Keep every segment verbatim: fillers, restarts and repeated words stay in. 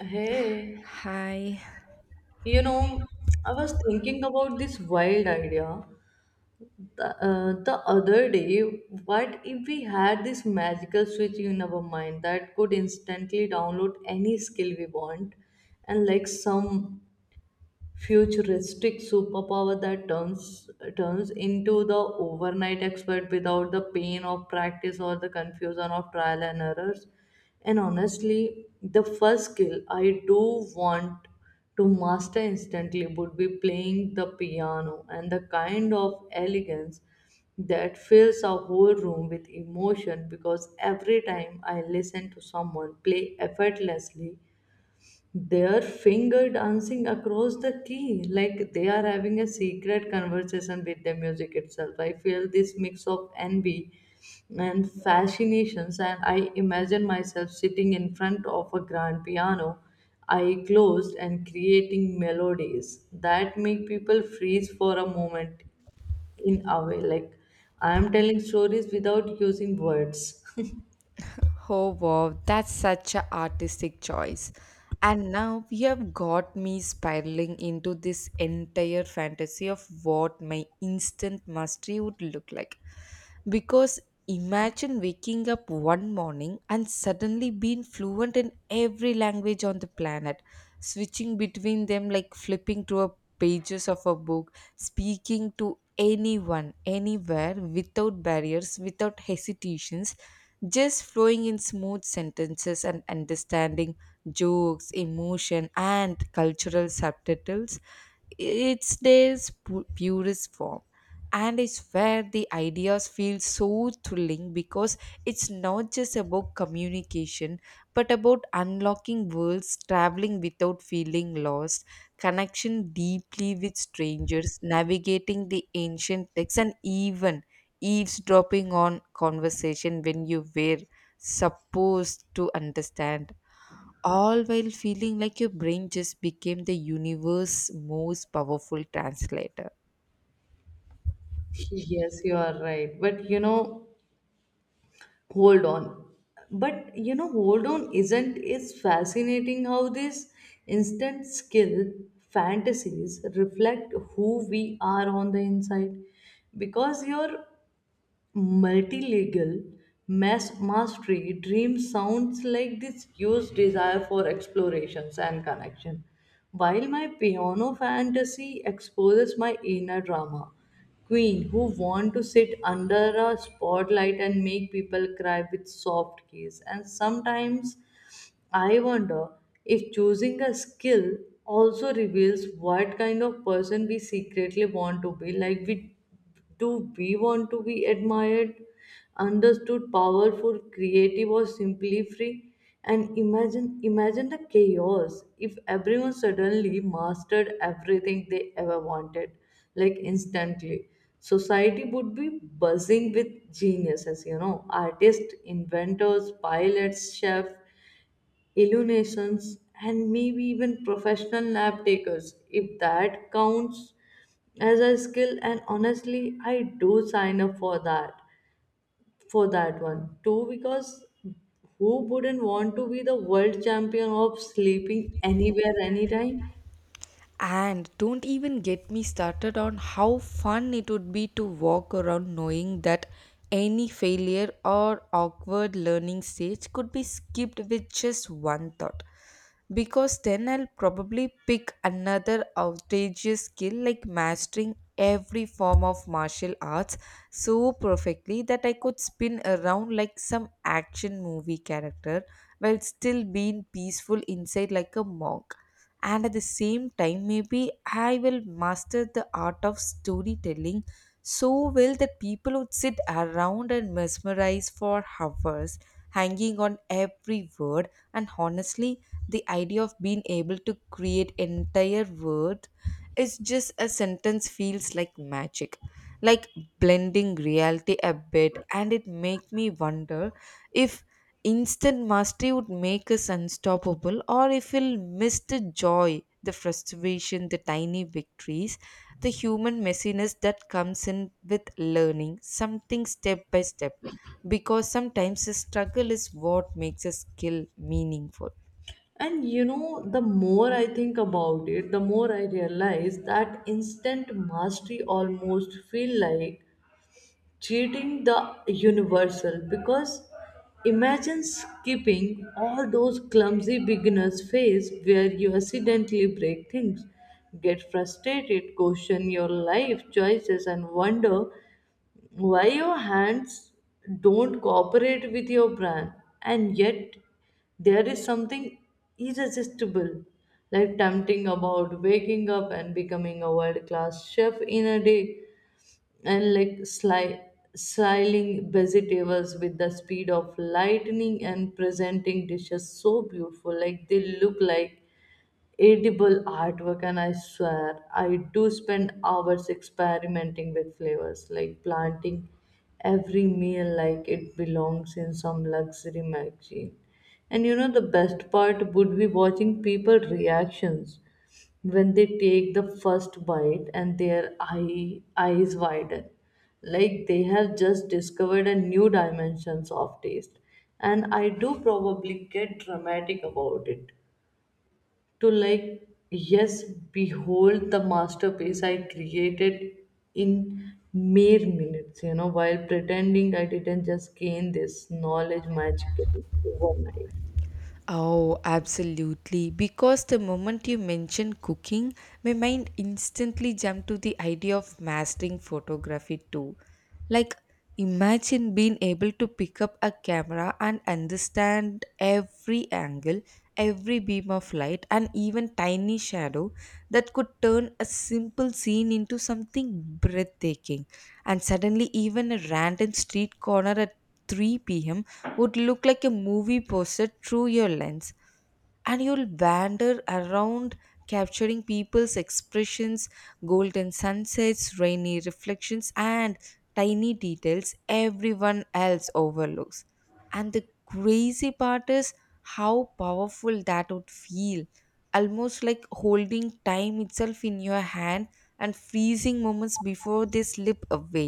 Hey, Hi. you know, I was thinking about this wild idea the, uh, the other day. What if we had this magical switch in our mind that could instantly download any skill we want, and like some futuristic superpower that turns turns into the overnight expert without the pain of practice or the confusion of trial and errors. And honestly, the first skill I do want to master instantly would be playing the piano and the kind of elegance that fills a whole room with emotion, because every time I listen to someone play effortlessly, their finger dancing across the key, like they are having a secret conversation with the music itself. I feel this mix of envy and fascinations, and I imagine myself sitting in front of a grand piano, eye closed, and creating melodies that make people freeze for a moment in a way. Like I am telling stories without using words. Oh wow, that's such a artistic choice. And now you have got me spiraling into this entire fantasy of what my instant mastery would look like. Because imagine waking up one morning and suddenly being fluent in every language on the planet, switching between them like flipping through a pages of a book, speaking to anyone, anywhere, without barriers, without hesitations just flowing in smooth sentences and understanding jokes, emotion, and cultural subtitles. It's their pu- purest form. And I swear the ideas feel so thrilling because it's not just about communication but about unlocking worlds, traveling without feeling lost, connection deeply with strangers, navigating the ancient texts, and even eavesdropping on conversation when you were supposed to understand all while feeling like your brain just became the universe's most powerful translator. Yes, you are right. But you know, hold on but you know hold on isn't it's fascinating how these instant skill fantasies reflect who we are on the inside, because your multilingual mass mastery dream sounds like this huge desire for explorations and connection, while my piano fantasy exposes my inner drama queen who want to sit under a spotlight and make people cry with soft keys. And sometimes I wonder if choosing a skill also reveals what kind of person we secretly want to be. Like, we do we want to be admired, understood, powerful, creative, or simply free? And imagine, imagine the chaos if everyone suddenly mastered everything they ever wanted, like instantly. Society would be buzzing with geniuses, you know, artists, inventors, pilots, chefs, illuminations, and maybe even professional nap takers if that counts as a skill. And honestly, I do sign up for that for that one too, because who wouldn't want to be the world champion of sleeping anywhere, anytime? And don't even get me started on how fun it would be to walk around knowing that any failure or awkward learning stage could be skipped with just one thought. Because then I'll probably pick another outrageous skill like mastering every form of martial arts so perfectly that I could spin around like some action movie character while still being peaceful inside like a monk, and at the same time maybe I will master the art of storytelling so well that people would sit around and mesmerize for hours hanging on every word. And honestly, the idea of being able to create entire word is just a sentence feels like magic, like blending reality a bit, and it make me wonder if instant mastery would make us unstoppable or if we'll miss the joy, the frustration, the tiny victories, the human messiness that comes in with learning something step by step, because sometimes the struggle is what makes a skill meaningful. And you know, the more I think about it, the more I realize that instant mastery almost feel like cheating the universal, because imagine skipping all those clumsy beginners phase where you accidentally break things, get frustrated, question your life choices, and wonder why your hands don't cooperate with your brain. And yet, there is something irresistible, like tempting, about waking up and becoming a world class chef in a day, and like sli- slicing vegetables with the speed of lightning and presenting dishes so beautiful like they look like edible artwork. And I swear, I do spend hours experimenting with flavors, like planting every meal like it belongs in some luxury magazine. And you know, the best part would be watching people reactions when they take the first bite and their eye, eyes widen like they have just discovered a new dimensions of taste. And I do probably get dramatic about it to, like, yes, behold the masterpiece I created in mere minutes, you know, while pretending I didn't just gain this knowledge magically overnight. Oh, absolutely. Because the moment you mention cooking, my mind instantly jumped to the idea of mastering photography too. Like, imagine being able to pick up a camera and understand every angle, every beam of light, and even tiny shadow that could turn a simple scene into something breathtaking. And suddenly, even a random street corner at three p m would look like a movie poster through your lens, and you'll wander around capturing people's expressions, golden sunsets, rainy reflections, and tiny details everyone else overlooks. And the crazy part is how powerful that would feel, almost like holding time itself in your hand and freezing moments before they slip away.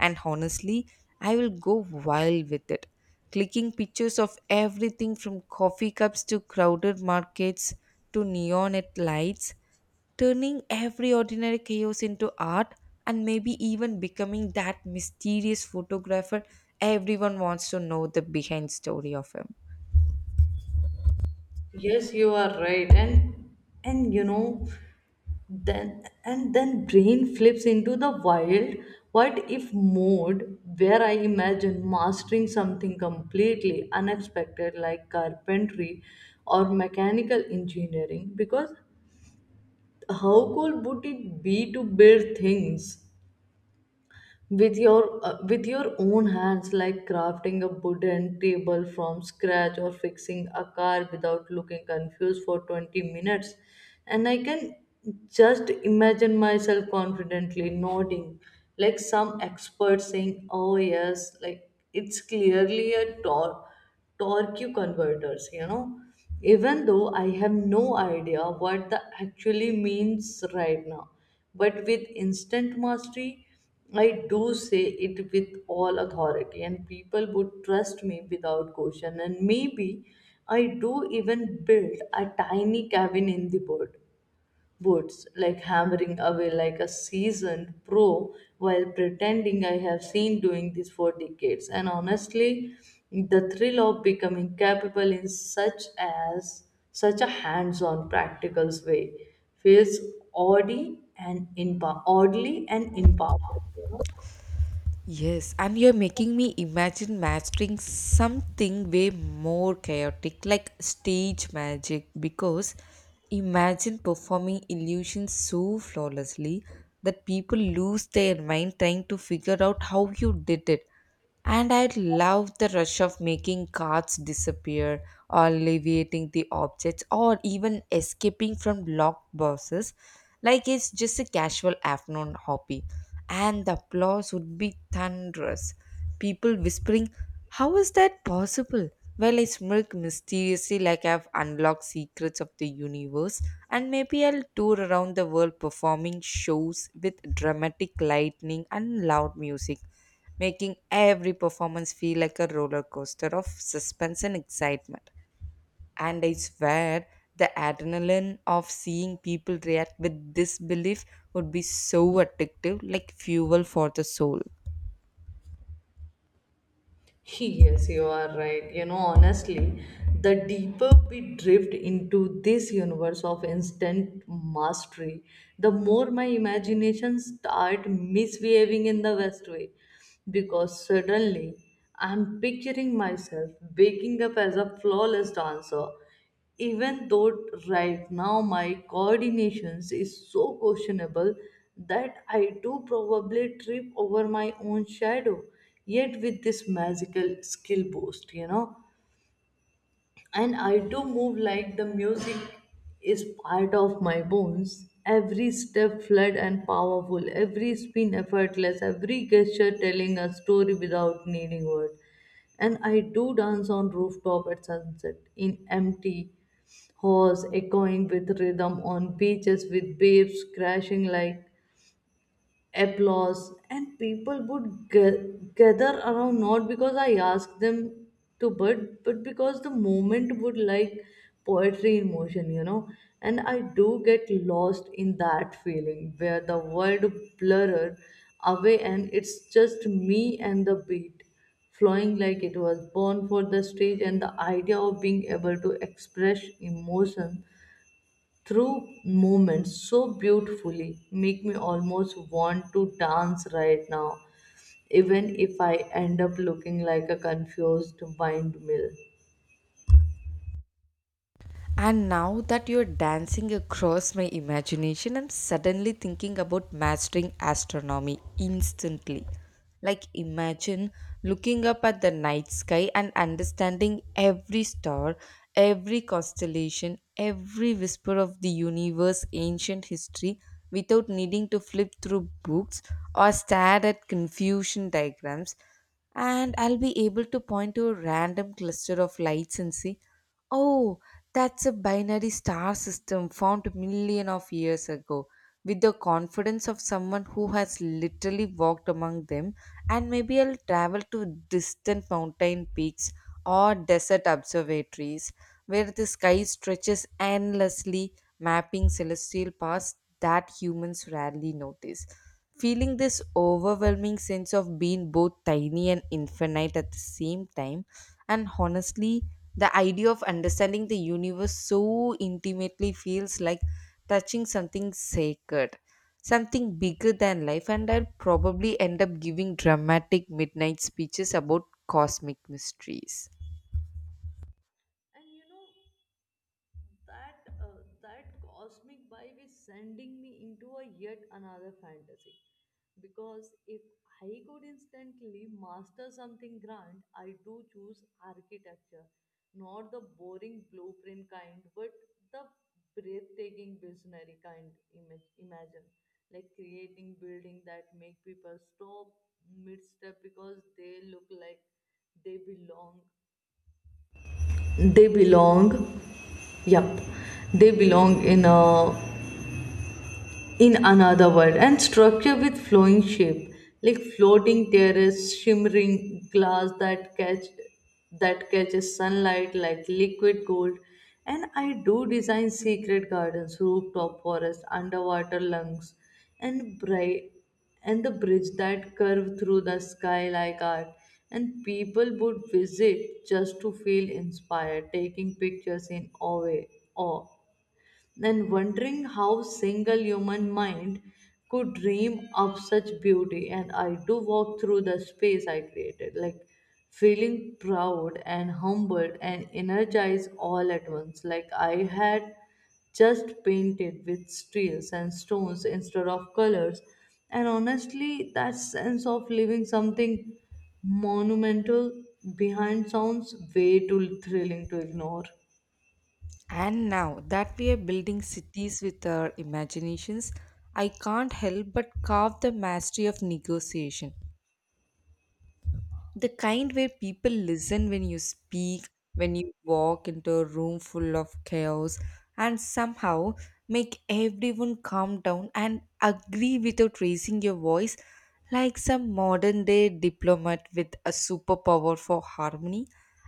And honestly, I will go wild with it, clicking pictures of everything from coffee cups to crowded markets to neon at lights, turning every ordinary chaos into art, and maybe even becoming that mysterious photographer everyone wants to know the behind story of him. Yes, you are right. And and you know, then and then brain flips into the wild what if mode, where I imagine mastering something completely unexpected like carpentry or mechanical engineering, because how cool would it be to build things with your uh, with your own hands, like crafting a wooden table from scratch or fixing a car without looking confused for twenty minutes. And I can just imagine myself confidently nodding like some expert saying, oh yes, like it's clearly a tor- torque converters, you know, even though I have no idea what the actually means right now. But with instant mastery, I do say it with all authority, and people would trust me without question. And maybe I do even build a tiny cabin in the wood, woods, like hammering away like a seasoned pro while pretending I have seen doing this for decades. And honestly, the thrill of becoming capable in such as such a hands-on practical way feels oddly and empower- oddly and empowering, you know. Yes, and you're making me imagine mastering something way more chaotic, like stage magic, because imagine performing illusions so flawlessly that people lose their mind trying to figure out how you did it. And I love the rush of making cards disappear, or alleviating the objects, or even escaping from locked boxes like it's just a casual afternoon hobby. And the applause would be thunderous. People whispering, "How is that possible?" While I smirk mysteriously like I've unlocked secrets of the universe, and maybe I'll tour around the world performing shows with dramatic lightning and loud music, making every performance feel like a roller coaster of suspense and excitement. And I swear, the adrenaline of seeing people react with disbelief would be so addictive, like fuel for the soul. Yes, you are right. You know, honestly, the deeper we drift into this universe of instant mastery, the more my imagination start misbehaving in the best way. Because suddenly I'm picturing myself waking up as a flawless dancer, even though right now my coordinations is so questionable that I do probably trip over my own shadow. Yet with this magical skill boost, you know, and I do move like the music is part of my bones. Every step fluid and powerful, every spin effortless, every gesture telling a story without needing word. And I do dance on rooftop at sunset, in empty halls echoing with rhythm, on beaches with waves crashing like applause. And people would ga- gather around, not because I asked them to, but but because the moment would like poetry in motion, you know. And I do get lost in that feeling where the world blurred away and it's just me and the beat, flowing like it was born for the stage. And the idea of being able to express emotion through movements so beautifully make me almost want to dance right now, even if I end up looking like a confused windmill. And And now that you're dancing across my imagination, I'm suddenly thinking about mastering astronomy instantly. Like, imagine looking up at the night sky and understanding every star, every constellation, every whisper of the universe, ancient history, without needing to flip through books or stare at confusion diagrams, and I'll be able to point to a random cluster of lights and say, "Oh, that's a binary star system formed a million of years ago." With the confidence of someone who has literally walked among them, and maybe I'll travel to distant mountain peaks or desert observatories where the sky stretches endlessly, mapping celestial paths that humans rarely notice, feeling this overwhelming sense of being both tiny and infinite at the same time. And honestly, the idea of understanding the universe so intimately feels like touching something sacred, something bigger than life. And I'll probably end up giving dramatic midnight speeches about cosmic mysteries. you know, that uh, that cosmic vibe is sending me into a yet another fantasy, because if I could instantly master something grand, I do choose architecture. Not the boring blueprint kind, but the breathtaking visionary kind. Image Imagine, like, creating building that make people stop mid-step because they look like they belong they belong Yup, they belong in a in another world, and structure with flowing shape, like floating terrace, shimmering glass that catch that catches sunlight like liquid gold. And I do design secret gardens, rooftop forests, underwater lungs, and bright and the bridge that curve through the sky like art. And people would visit just to feel inspired, taking pictures in awe. awe then wondering how single human mind could dream of such beauty. And I do walk through the space I created, like feeling proud and humbled and energized all at once, like I had just painted with steels and stones instead of colors. And honestly, that sense of leaving something monumental behind sounds way too thrilling to ignore. And now that we are building cities with our imaginations, I can't help but carve the mastery of negotiation, the kind where people listen when you speak, when you walk into a room full of chaos, and somehow make everyone calm down and agree without raising your voice, like some modern day diplomat with a superpower for harmony.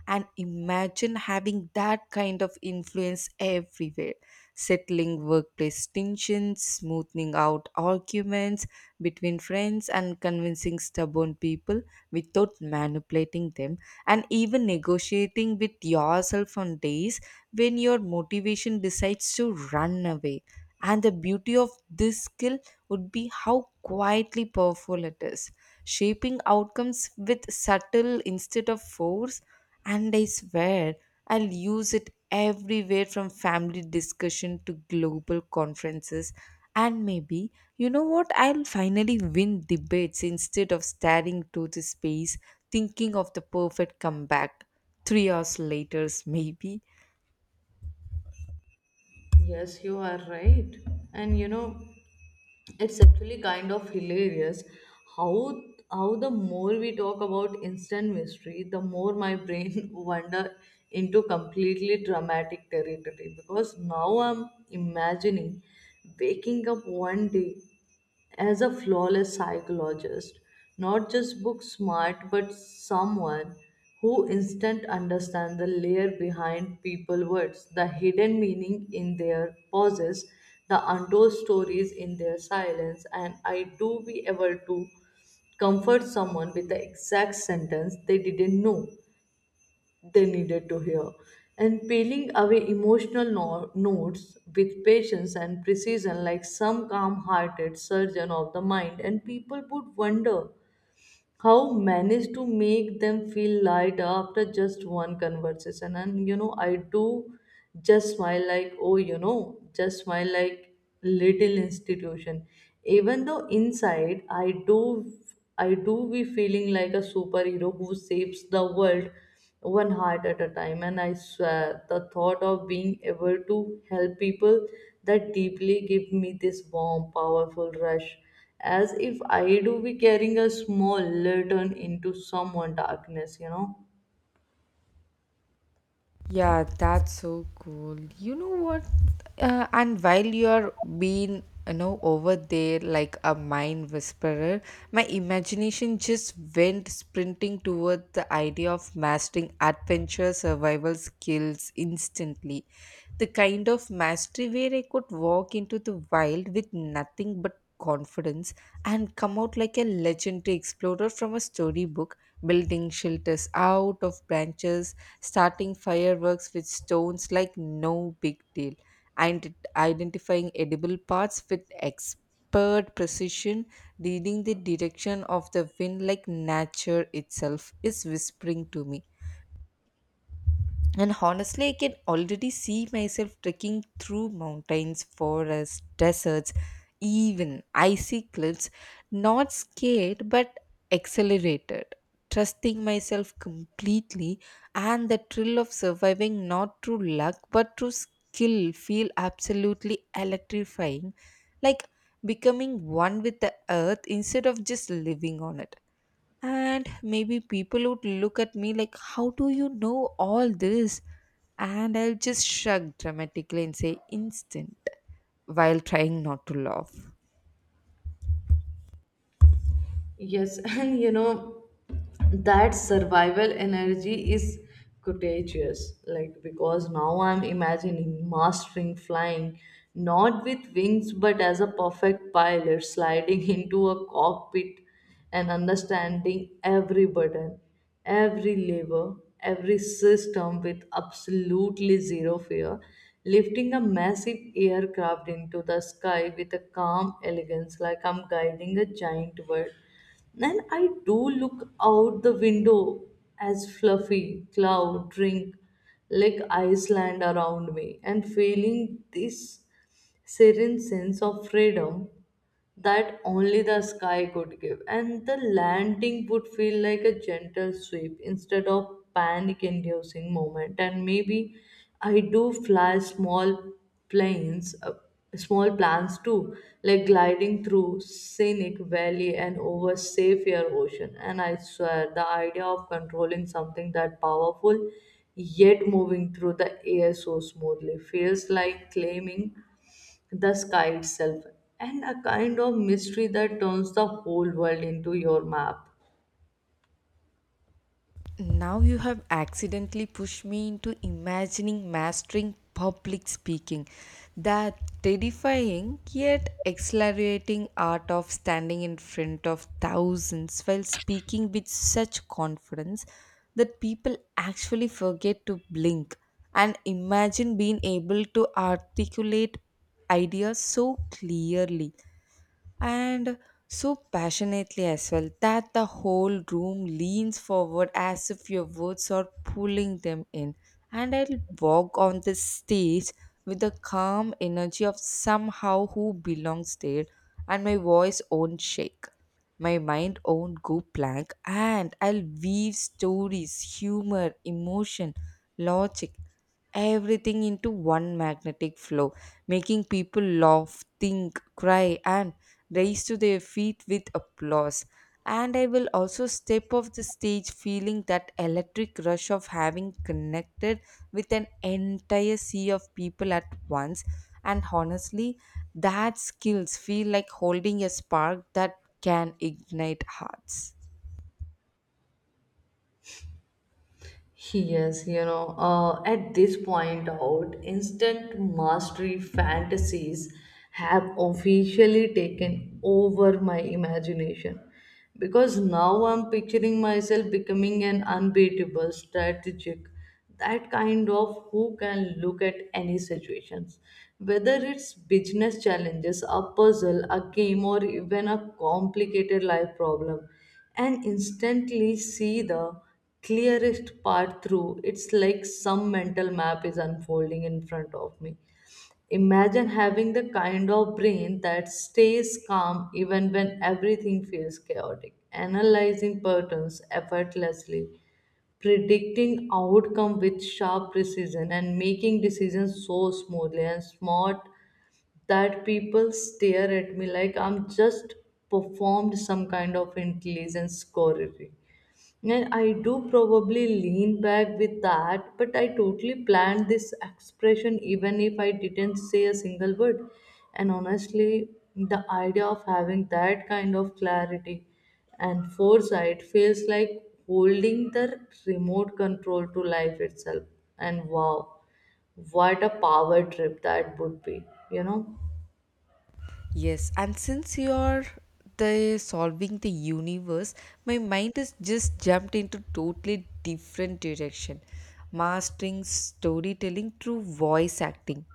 And imagine having that kind of influence everywhere, settling workplace tensions, smoothing out arguments between friends, and convincing stubborn people without manipulating them, and even negotiating with yourself on days when your motivation decides to run away. And the beauty of this skill would be how quietly powerful it is, shaping outcomes with subtle instead of force. And I swear, I'll use it everywhere from family discussion to global conferences. And maybe, you know what, I'll finally win debates instead of staring to the space, thinking of the perfect comeback. Three hours later, maybe. Yes, you are right. And you know, it's actually kind of hilarious how how the more we talk about instant mystery, the more my brain wander into completely dramatic territory, because now I'm imagining waking up one day as a flawless psychologist, not just book smart, but someone who instant understands the layer behind people words, the hidden meaning in their pauses, the untold stories in their silence. And I do be able to comfort someone with the exact sentence they didn't know they needed to hear. And peeling away emotional no- notes with patience and precision, like some calm hearted surgeon of the mind, and people would wonder how managed to make them feel lighter after just one conversation. And you know, I do just smile like, oh, you know, just smile like little institution. Even though inside I do I do be feeling like a superhero who saves the world one heart at a time. And I swear, the thought of being able to help people that deeply give me this warm, powerful rush, as if I do be carrying a small lantern into someone' darkness, you know. Yeah, that's so cool. You know what? Uh, and while you're being, you know, over there like a mind whisperer, my imagination just went sprinting toward the idea of mastering adventure survival skills instantly. The kind of mastery where I could walk into the wild with nothing but confidence and come out like a legendary explorer from a storybook, building shelters out of branches, starting fireworks with stones like no big deal, and identifying edible parts with expert precision, reading the direction of the wind like nature itself is whispering to me. And honestly, I can already see myself trekking through mountains, forests, deserts, even icy cliffs, not scared but accelerated, trusting myself completely. And the thrill of surviving not through luck but through skill feel absolutely electrifying, like becoming one with the earth instead of just living on it. And maybe people would look at me like, "How do you know all this?" And I'll just shrug dramatically and say, "Instant," while trying not to laugh. Yes, and you know. that survival energy is contagious, like, because now I'm imagining mastering flying, not with wings but as a perfect pilot sliding into a cockpit, and understanding every button, every lever, every system with absolutely zero fear, lifting a massive aircraft into the sky with a calm elegance, like I'm guiding a giant bird. Then I do look out the window as fluffy cloud drink like Iceland around me, and feeling this serene sense of freedom that only the sky could give. And the landing would feel like a gentle sweep instead of panic inducing moment. And maybe I do fly small planes, uh, small plans too, like gliding through scenic valley and over safe air ocean. And I swear, the idea of controlling something that powerful yet moving through the air so smoothly feels like claiming the sky itself, and a kind of mystery that turns the whole world into your map. Now you have accidentally pushed me into imagining mastering public speaking. That terrifying yet exhilarating art of standing in front of thousands while speaking with such confidence that people actually forget to blink, and imagine being able to articulate ideas so clearly and so passionately as well that the whole room leans forward as if your words are pulling them in. And I'll walk on the stage with the calm energy of somehow who belongs there, and my voice won't shake, my mind won't go blank, and I'll weave stories, humor, emotion, logic, everything into one magnetic flow, making people laugh, think, cry, and race to their feet with applause. And I will also step off the stage feeling that electric rush of having connected with an entire sea of people at once. And honestly, that skills feel like holding a spark that can ignite hearts. Yes, you know, uh, at this point out, instant mastery fantasies have officially taken over my imagination, because now I'm picturing myself becoming an unbeatable strategic, that kind of who can look at any situations, whether it's business challenges, a puzzle, a game, or even a complicated life problem, and instantly see the clearest part through. It's like some mental map is unfolding in front of me. Imagine having the kind of brain that stays calm even when everything feels chaotic, analyzing patterns effortlessly, predicting outcome with sharp precision, and making decisions so smoothly and smart that people stare at me like I'm just performed some kind of intelligence scoring. And I do probably lean back with that, but I totally planned this expression even if I didn't say a single word. And honestly, the idea of having that kind of clarity and foresight feels like holding the remote control to life itself. And wow, what a power trip that would be, you know? Yes, and since you're the solving the universe, my mind has just jumped into totally different direction, mastering storytelling through voice acting.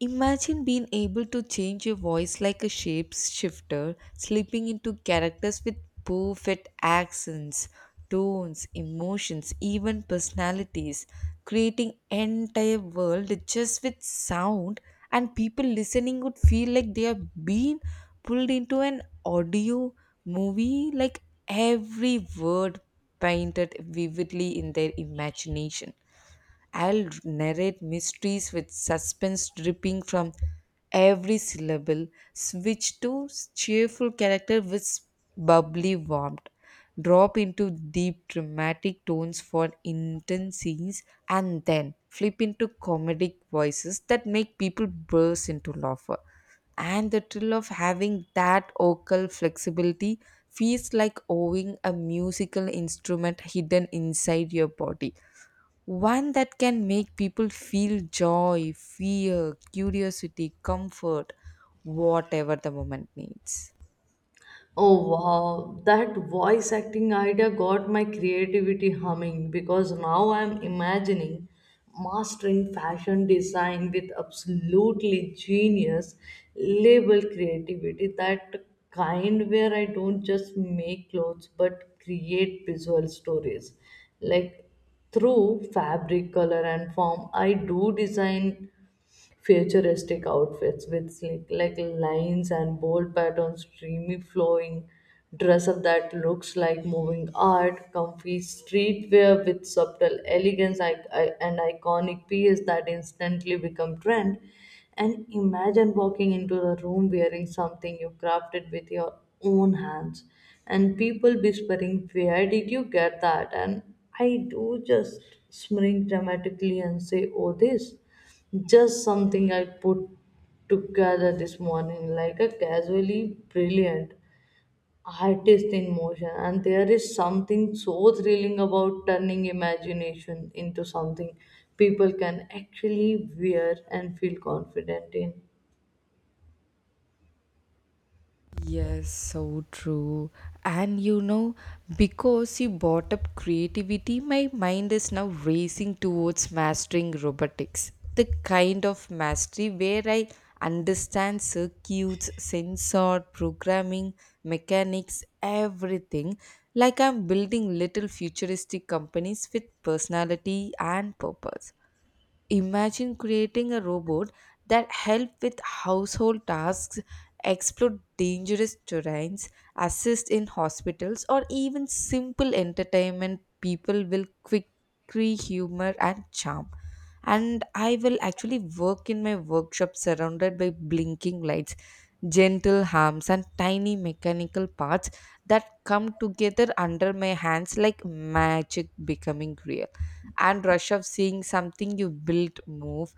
Imagine being able to change your voice like a shapeshifter, slipping into characters with perfect accents, tones, emotions, even personalities, creating entire world just with sound, and people listening would feel like they are being pulled into an audio movie, like every word painted vividly in their imagination. I'll narrate mysteries with suspense dripping from every syllable, switch to cheerful character with bubbly warmth, drop into deep dramatic tones for intense scenes, and then flip into comedic voices that make people burst into laughter. And the thrill of having that vocal flexibility feels like owning a musical instrument hidden inside your body. One that can make people feel joy, fear, curiosity, comfort, whatever the moment needs. Oh wow, that voice acting idea got my creativity humming because now I'm imagining mastering fashion design with absolutely genius label creativity, that kind where I don't just make clothes but create visual stories, like through fabric, color and form. I do design futuristic outfits with sleek like lines and bold patterns, dreamy flowing dress up that looks like moving art, comfy streetwear with subtle elegance, I, I, and iconic pieces that instantly become trend. And imagine walking into the room wearing something you crafted with your own hands and people whispering, "Where did you get that?" And I do just smirk dramatically and say, "Oh, this. Just something I put together this morning," like a casually brilliant artist in motion. And there is something so thrilling about turning imagination into something people can actually wear and feel confident in. Yes, so true. And you know, because you brought up creativity, my mind is now racing towards mastering robotics. The kind of mastery where I understand circuits, sensor, programming, mechanics, everything. Like I'm building little futuristic companies with personality and purpose. Imagine creating a robot that help with household tasks, explore dangerous terrains, assist in hospitals, or even simple entertainment people will quickly humor and charm. And I will actually work in my workshop surrounded by blinking lights, gentle hums, and tiny mechanical parts that come together under my hands like magic becoming real. And rush of seeing something you built move,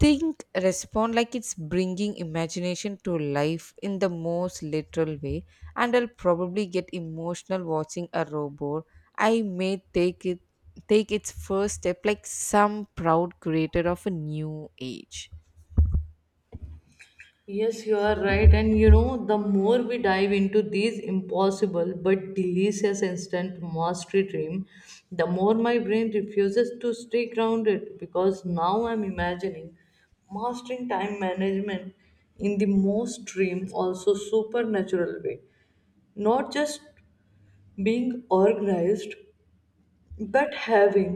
think, respond, like it's bringing imagination to life in the most literal way. And I'll probably get emotional watching a robot. I may take it take its first step like some proud creator of a new age. Yes, you are right. And you know, the more we dive into these impossible but delicious instant mastery dream, the more my brain refuses to stay grounded because now I'm imagining mastering time management in the most dream, also supernatural way. Not just being organized, but having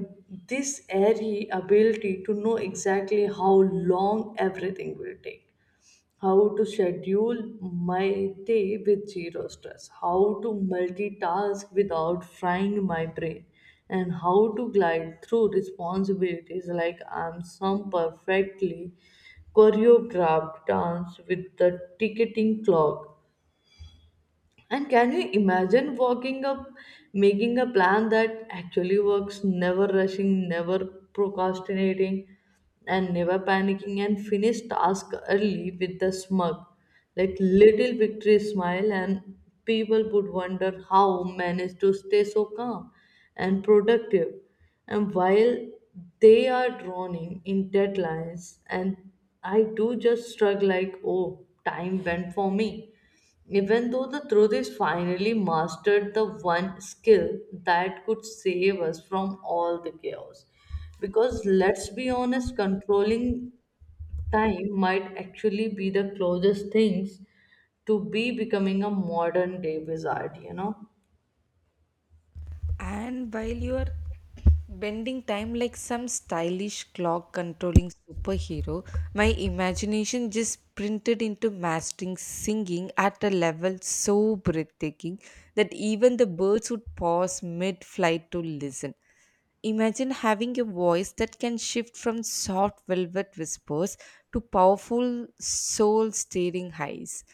this airy ability to know exactly how long everything will take, how to schedule my day with zero stress, how to multitask without frying my brain, and how to glide through responsibilities like I'm some perfectly choreographed dance with the ticking clock. And can you imagine walking up, making a plan that actually works, never rushing, never procrastinating, and never panicking, and finish task early with a smug, like little victory smile, and people would wonder how managed to stay so calm and productive. And while they are drowning in deadlines, and I do just shrug like, oh, time went for me, even though the truth is finally mastered the one skill that could save us from all the chaos. Because let's be honest, controlling time might actually be the closest things to be becoming a modern day wizard, you know? And while you are bending time like some stylish clock controlling superhero, my imagination just printed into mastering singing at a level so breathtaking that even the birds would pause mid flight to listen. Imagine having a voice that can shift from soft velvet whispers to powerful soul stirring highs.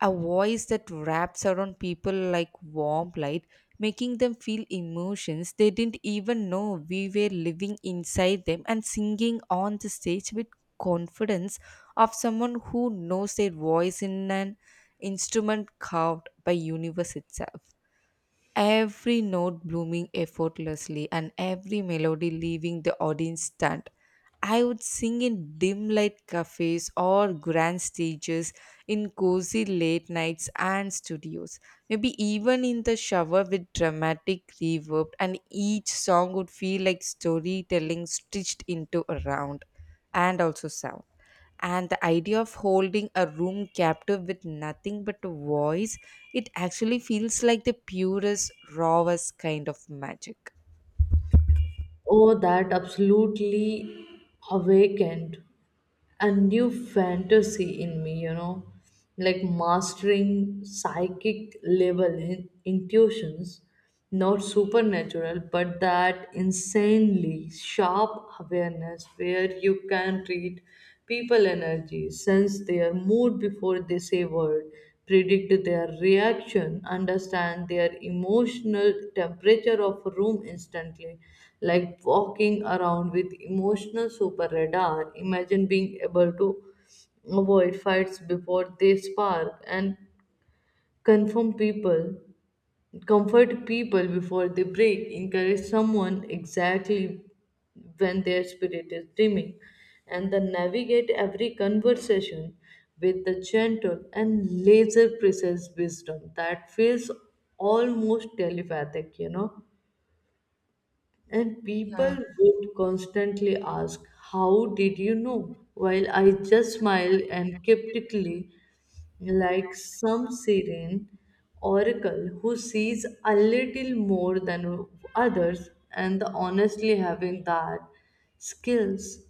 A voice that wraps around people like warm light, making them feel emotions they didn't even know we were living inside them, and singing on the stage with confidence of someone who knows their voice in an instrument carved by universe itself, every note blooming effortlessly and every melody leaving the audience stunned. I would sing in dim light cafes or grand stages, in cozy late nights and studios. Maybe even in the shower with dramatic reverb, and each song would feel like storytelling stitched into a round and also sound, and the idea of holding a room captive with nothing but a voice, it actually feels like the purest, rawest kind of magic. Oh, that absolutely awakened a new fantasy in me, you know, like mastering psychic level in- intuitions, not supernatural, but that insanely sharp awareness where you can read people energy, sense their mood before they say word, predict their reaction, understand their emotional temperature of a room instantly, like walking around with emotional super radar. Imagine being able to avoid fights before they spark and confirm people, comfort people before they break, encourage someone exactly when their spirit is dimming, and then navigate every conversation with the gentle and laser precise wisdom that feels almost telepathic, you know. And Yeah, people would constantly ask, "How did you know?" While I just smiled and cryptically, like some serene oracle who sees a little more than others. And honestly, having that skills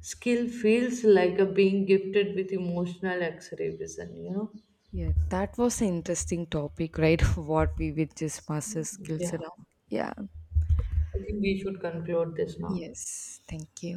skill feels like a being gifted with emotional X-ray vision. You know, yeah, that was an interesting topic, right? What we with just master skills yeah. around. Yeah. I think we should conclude this now. Yes, thank you.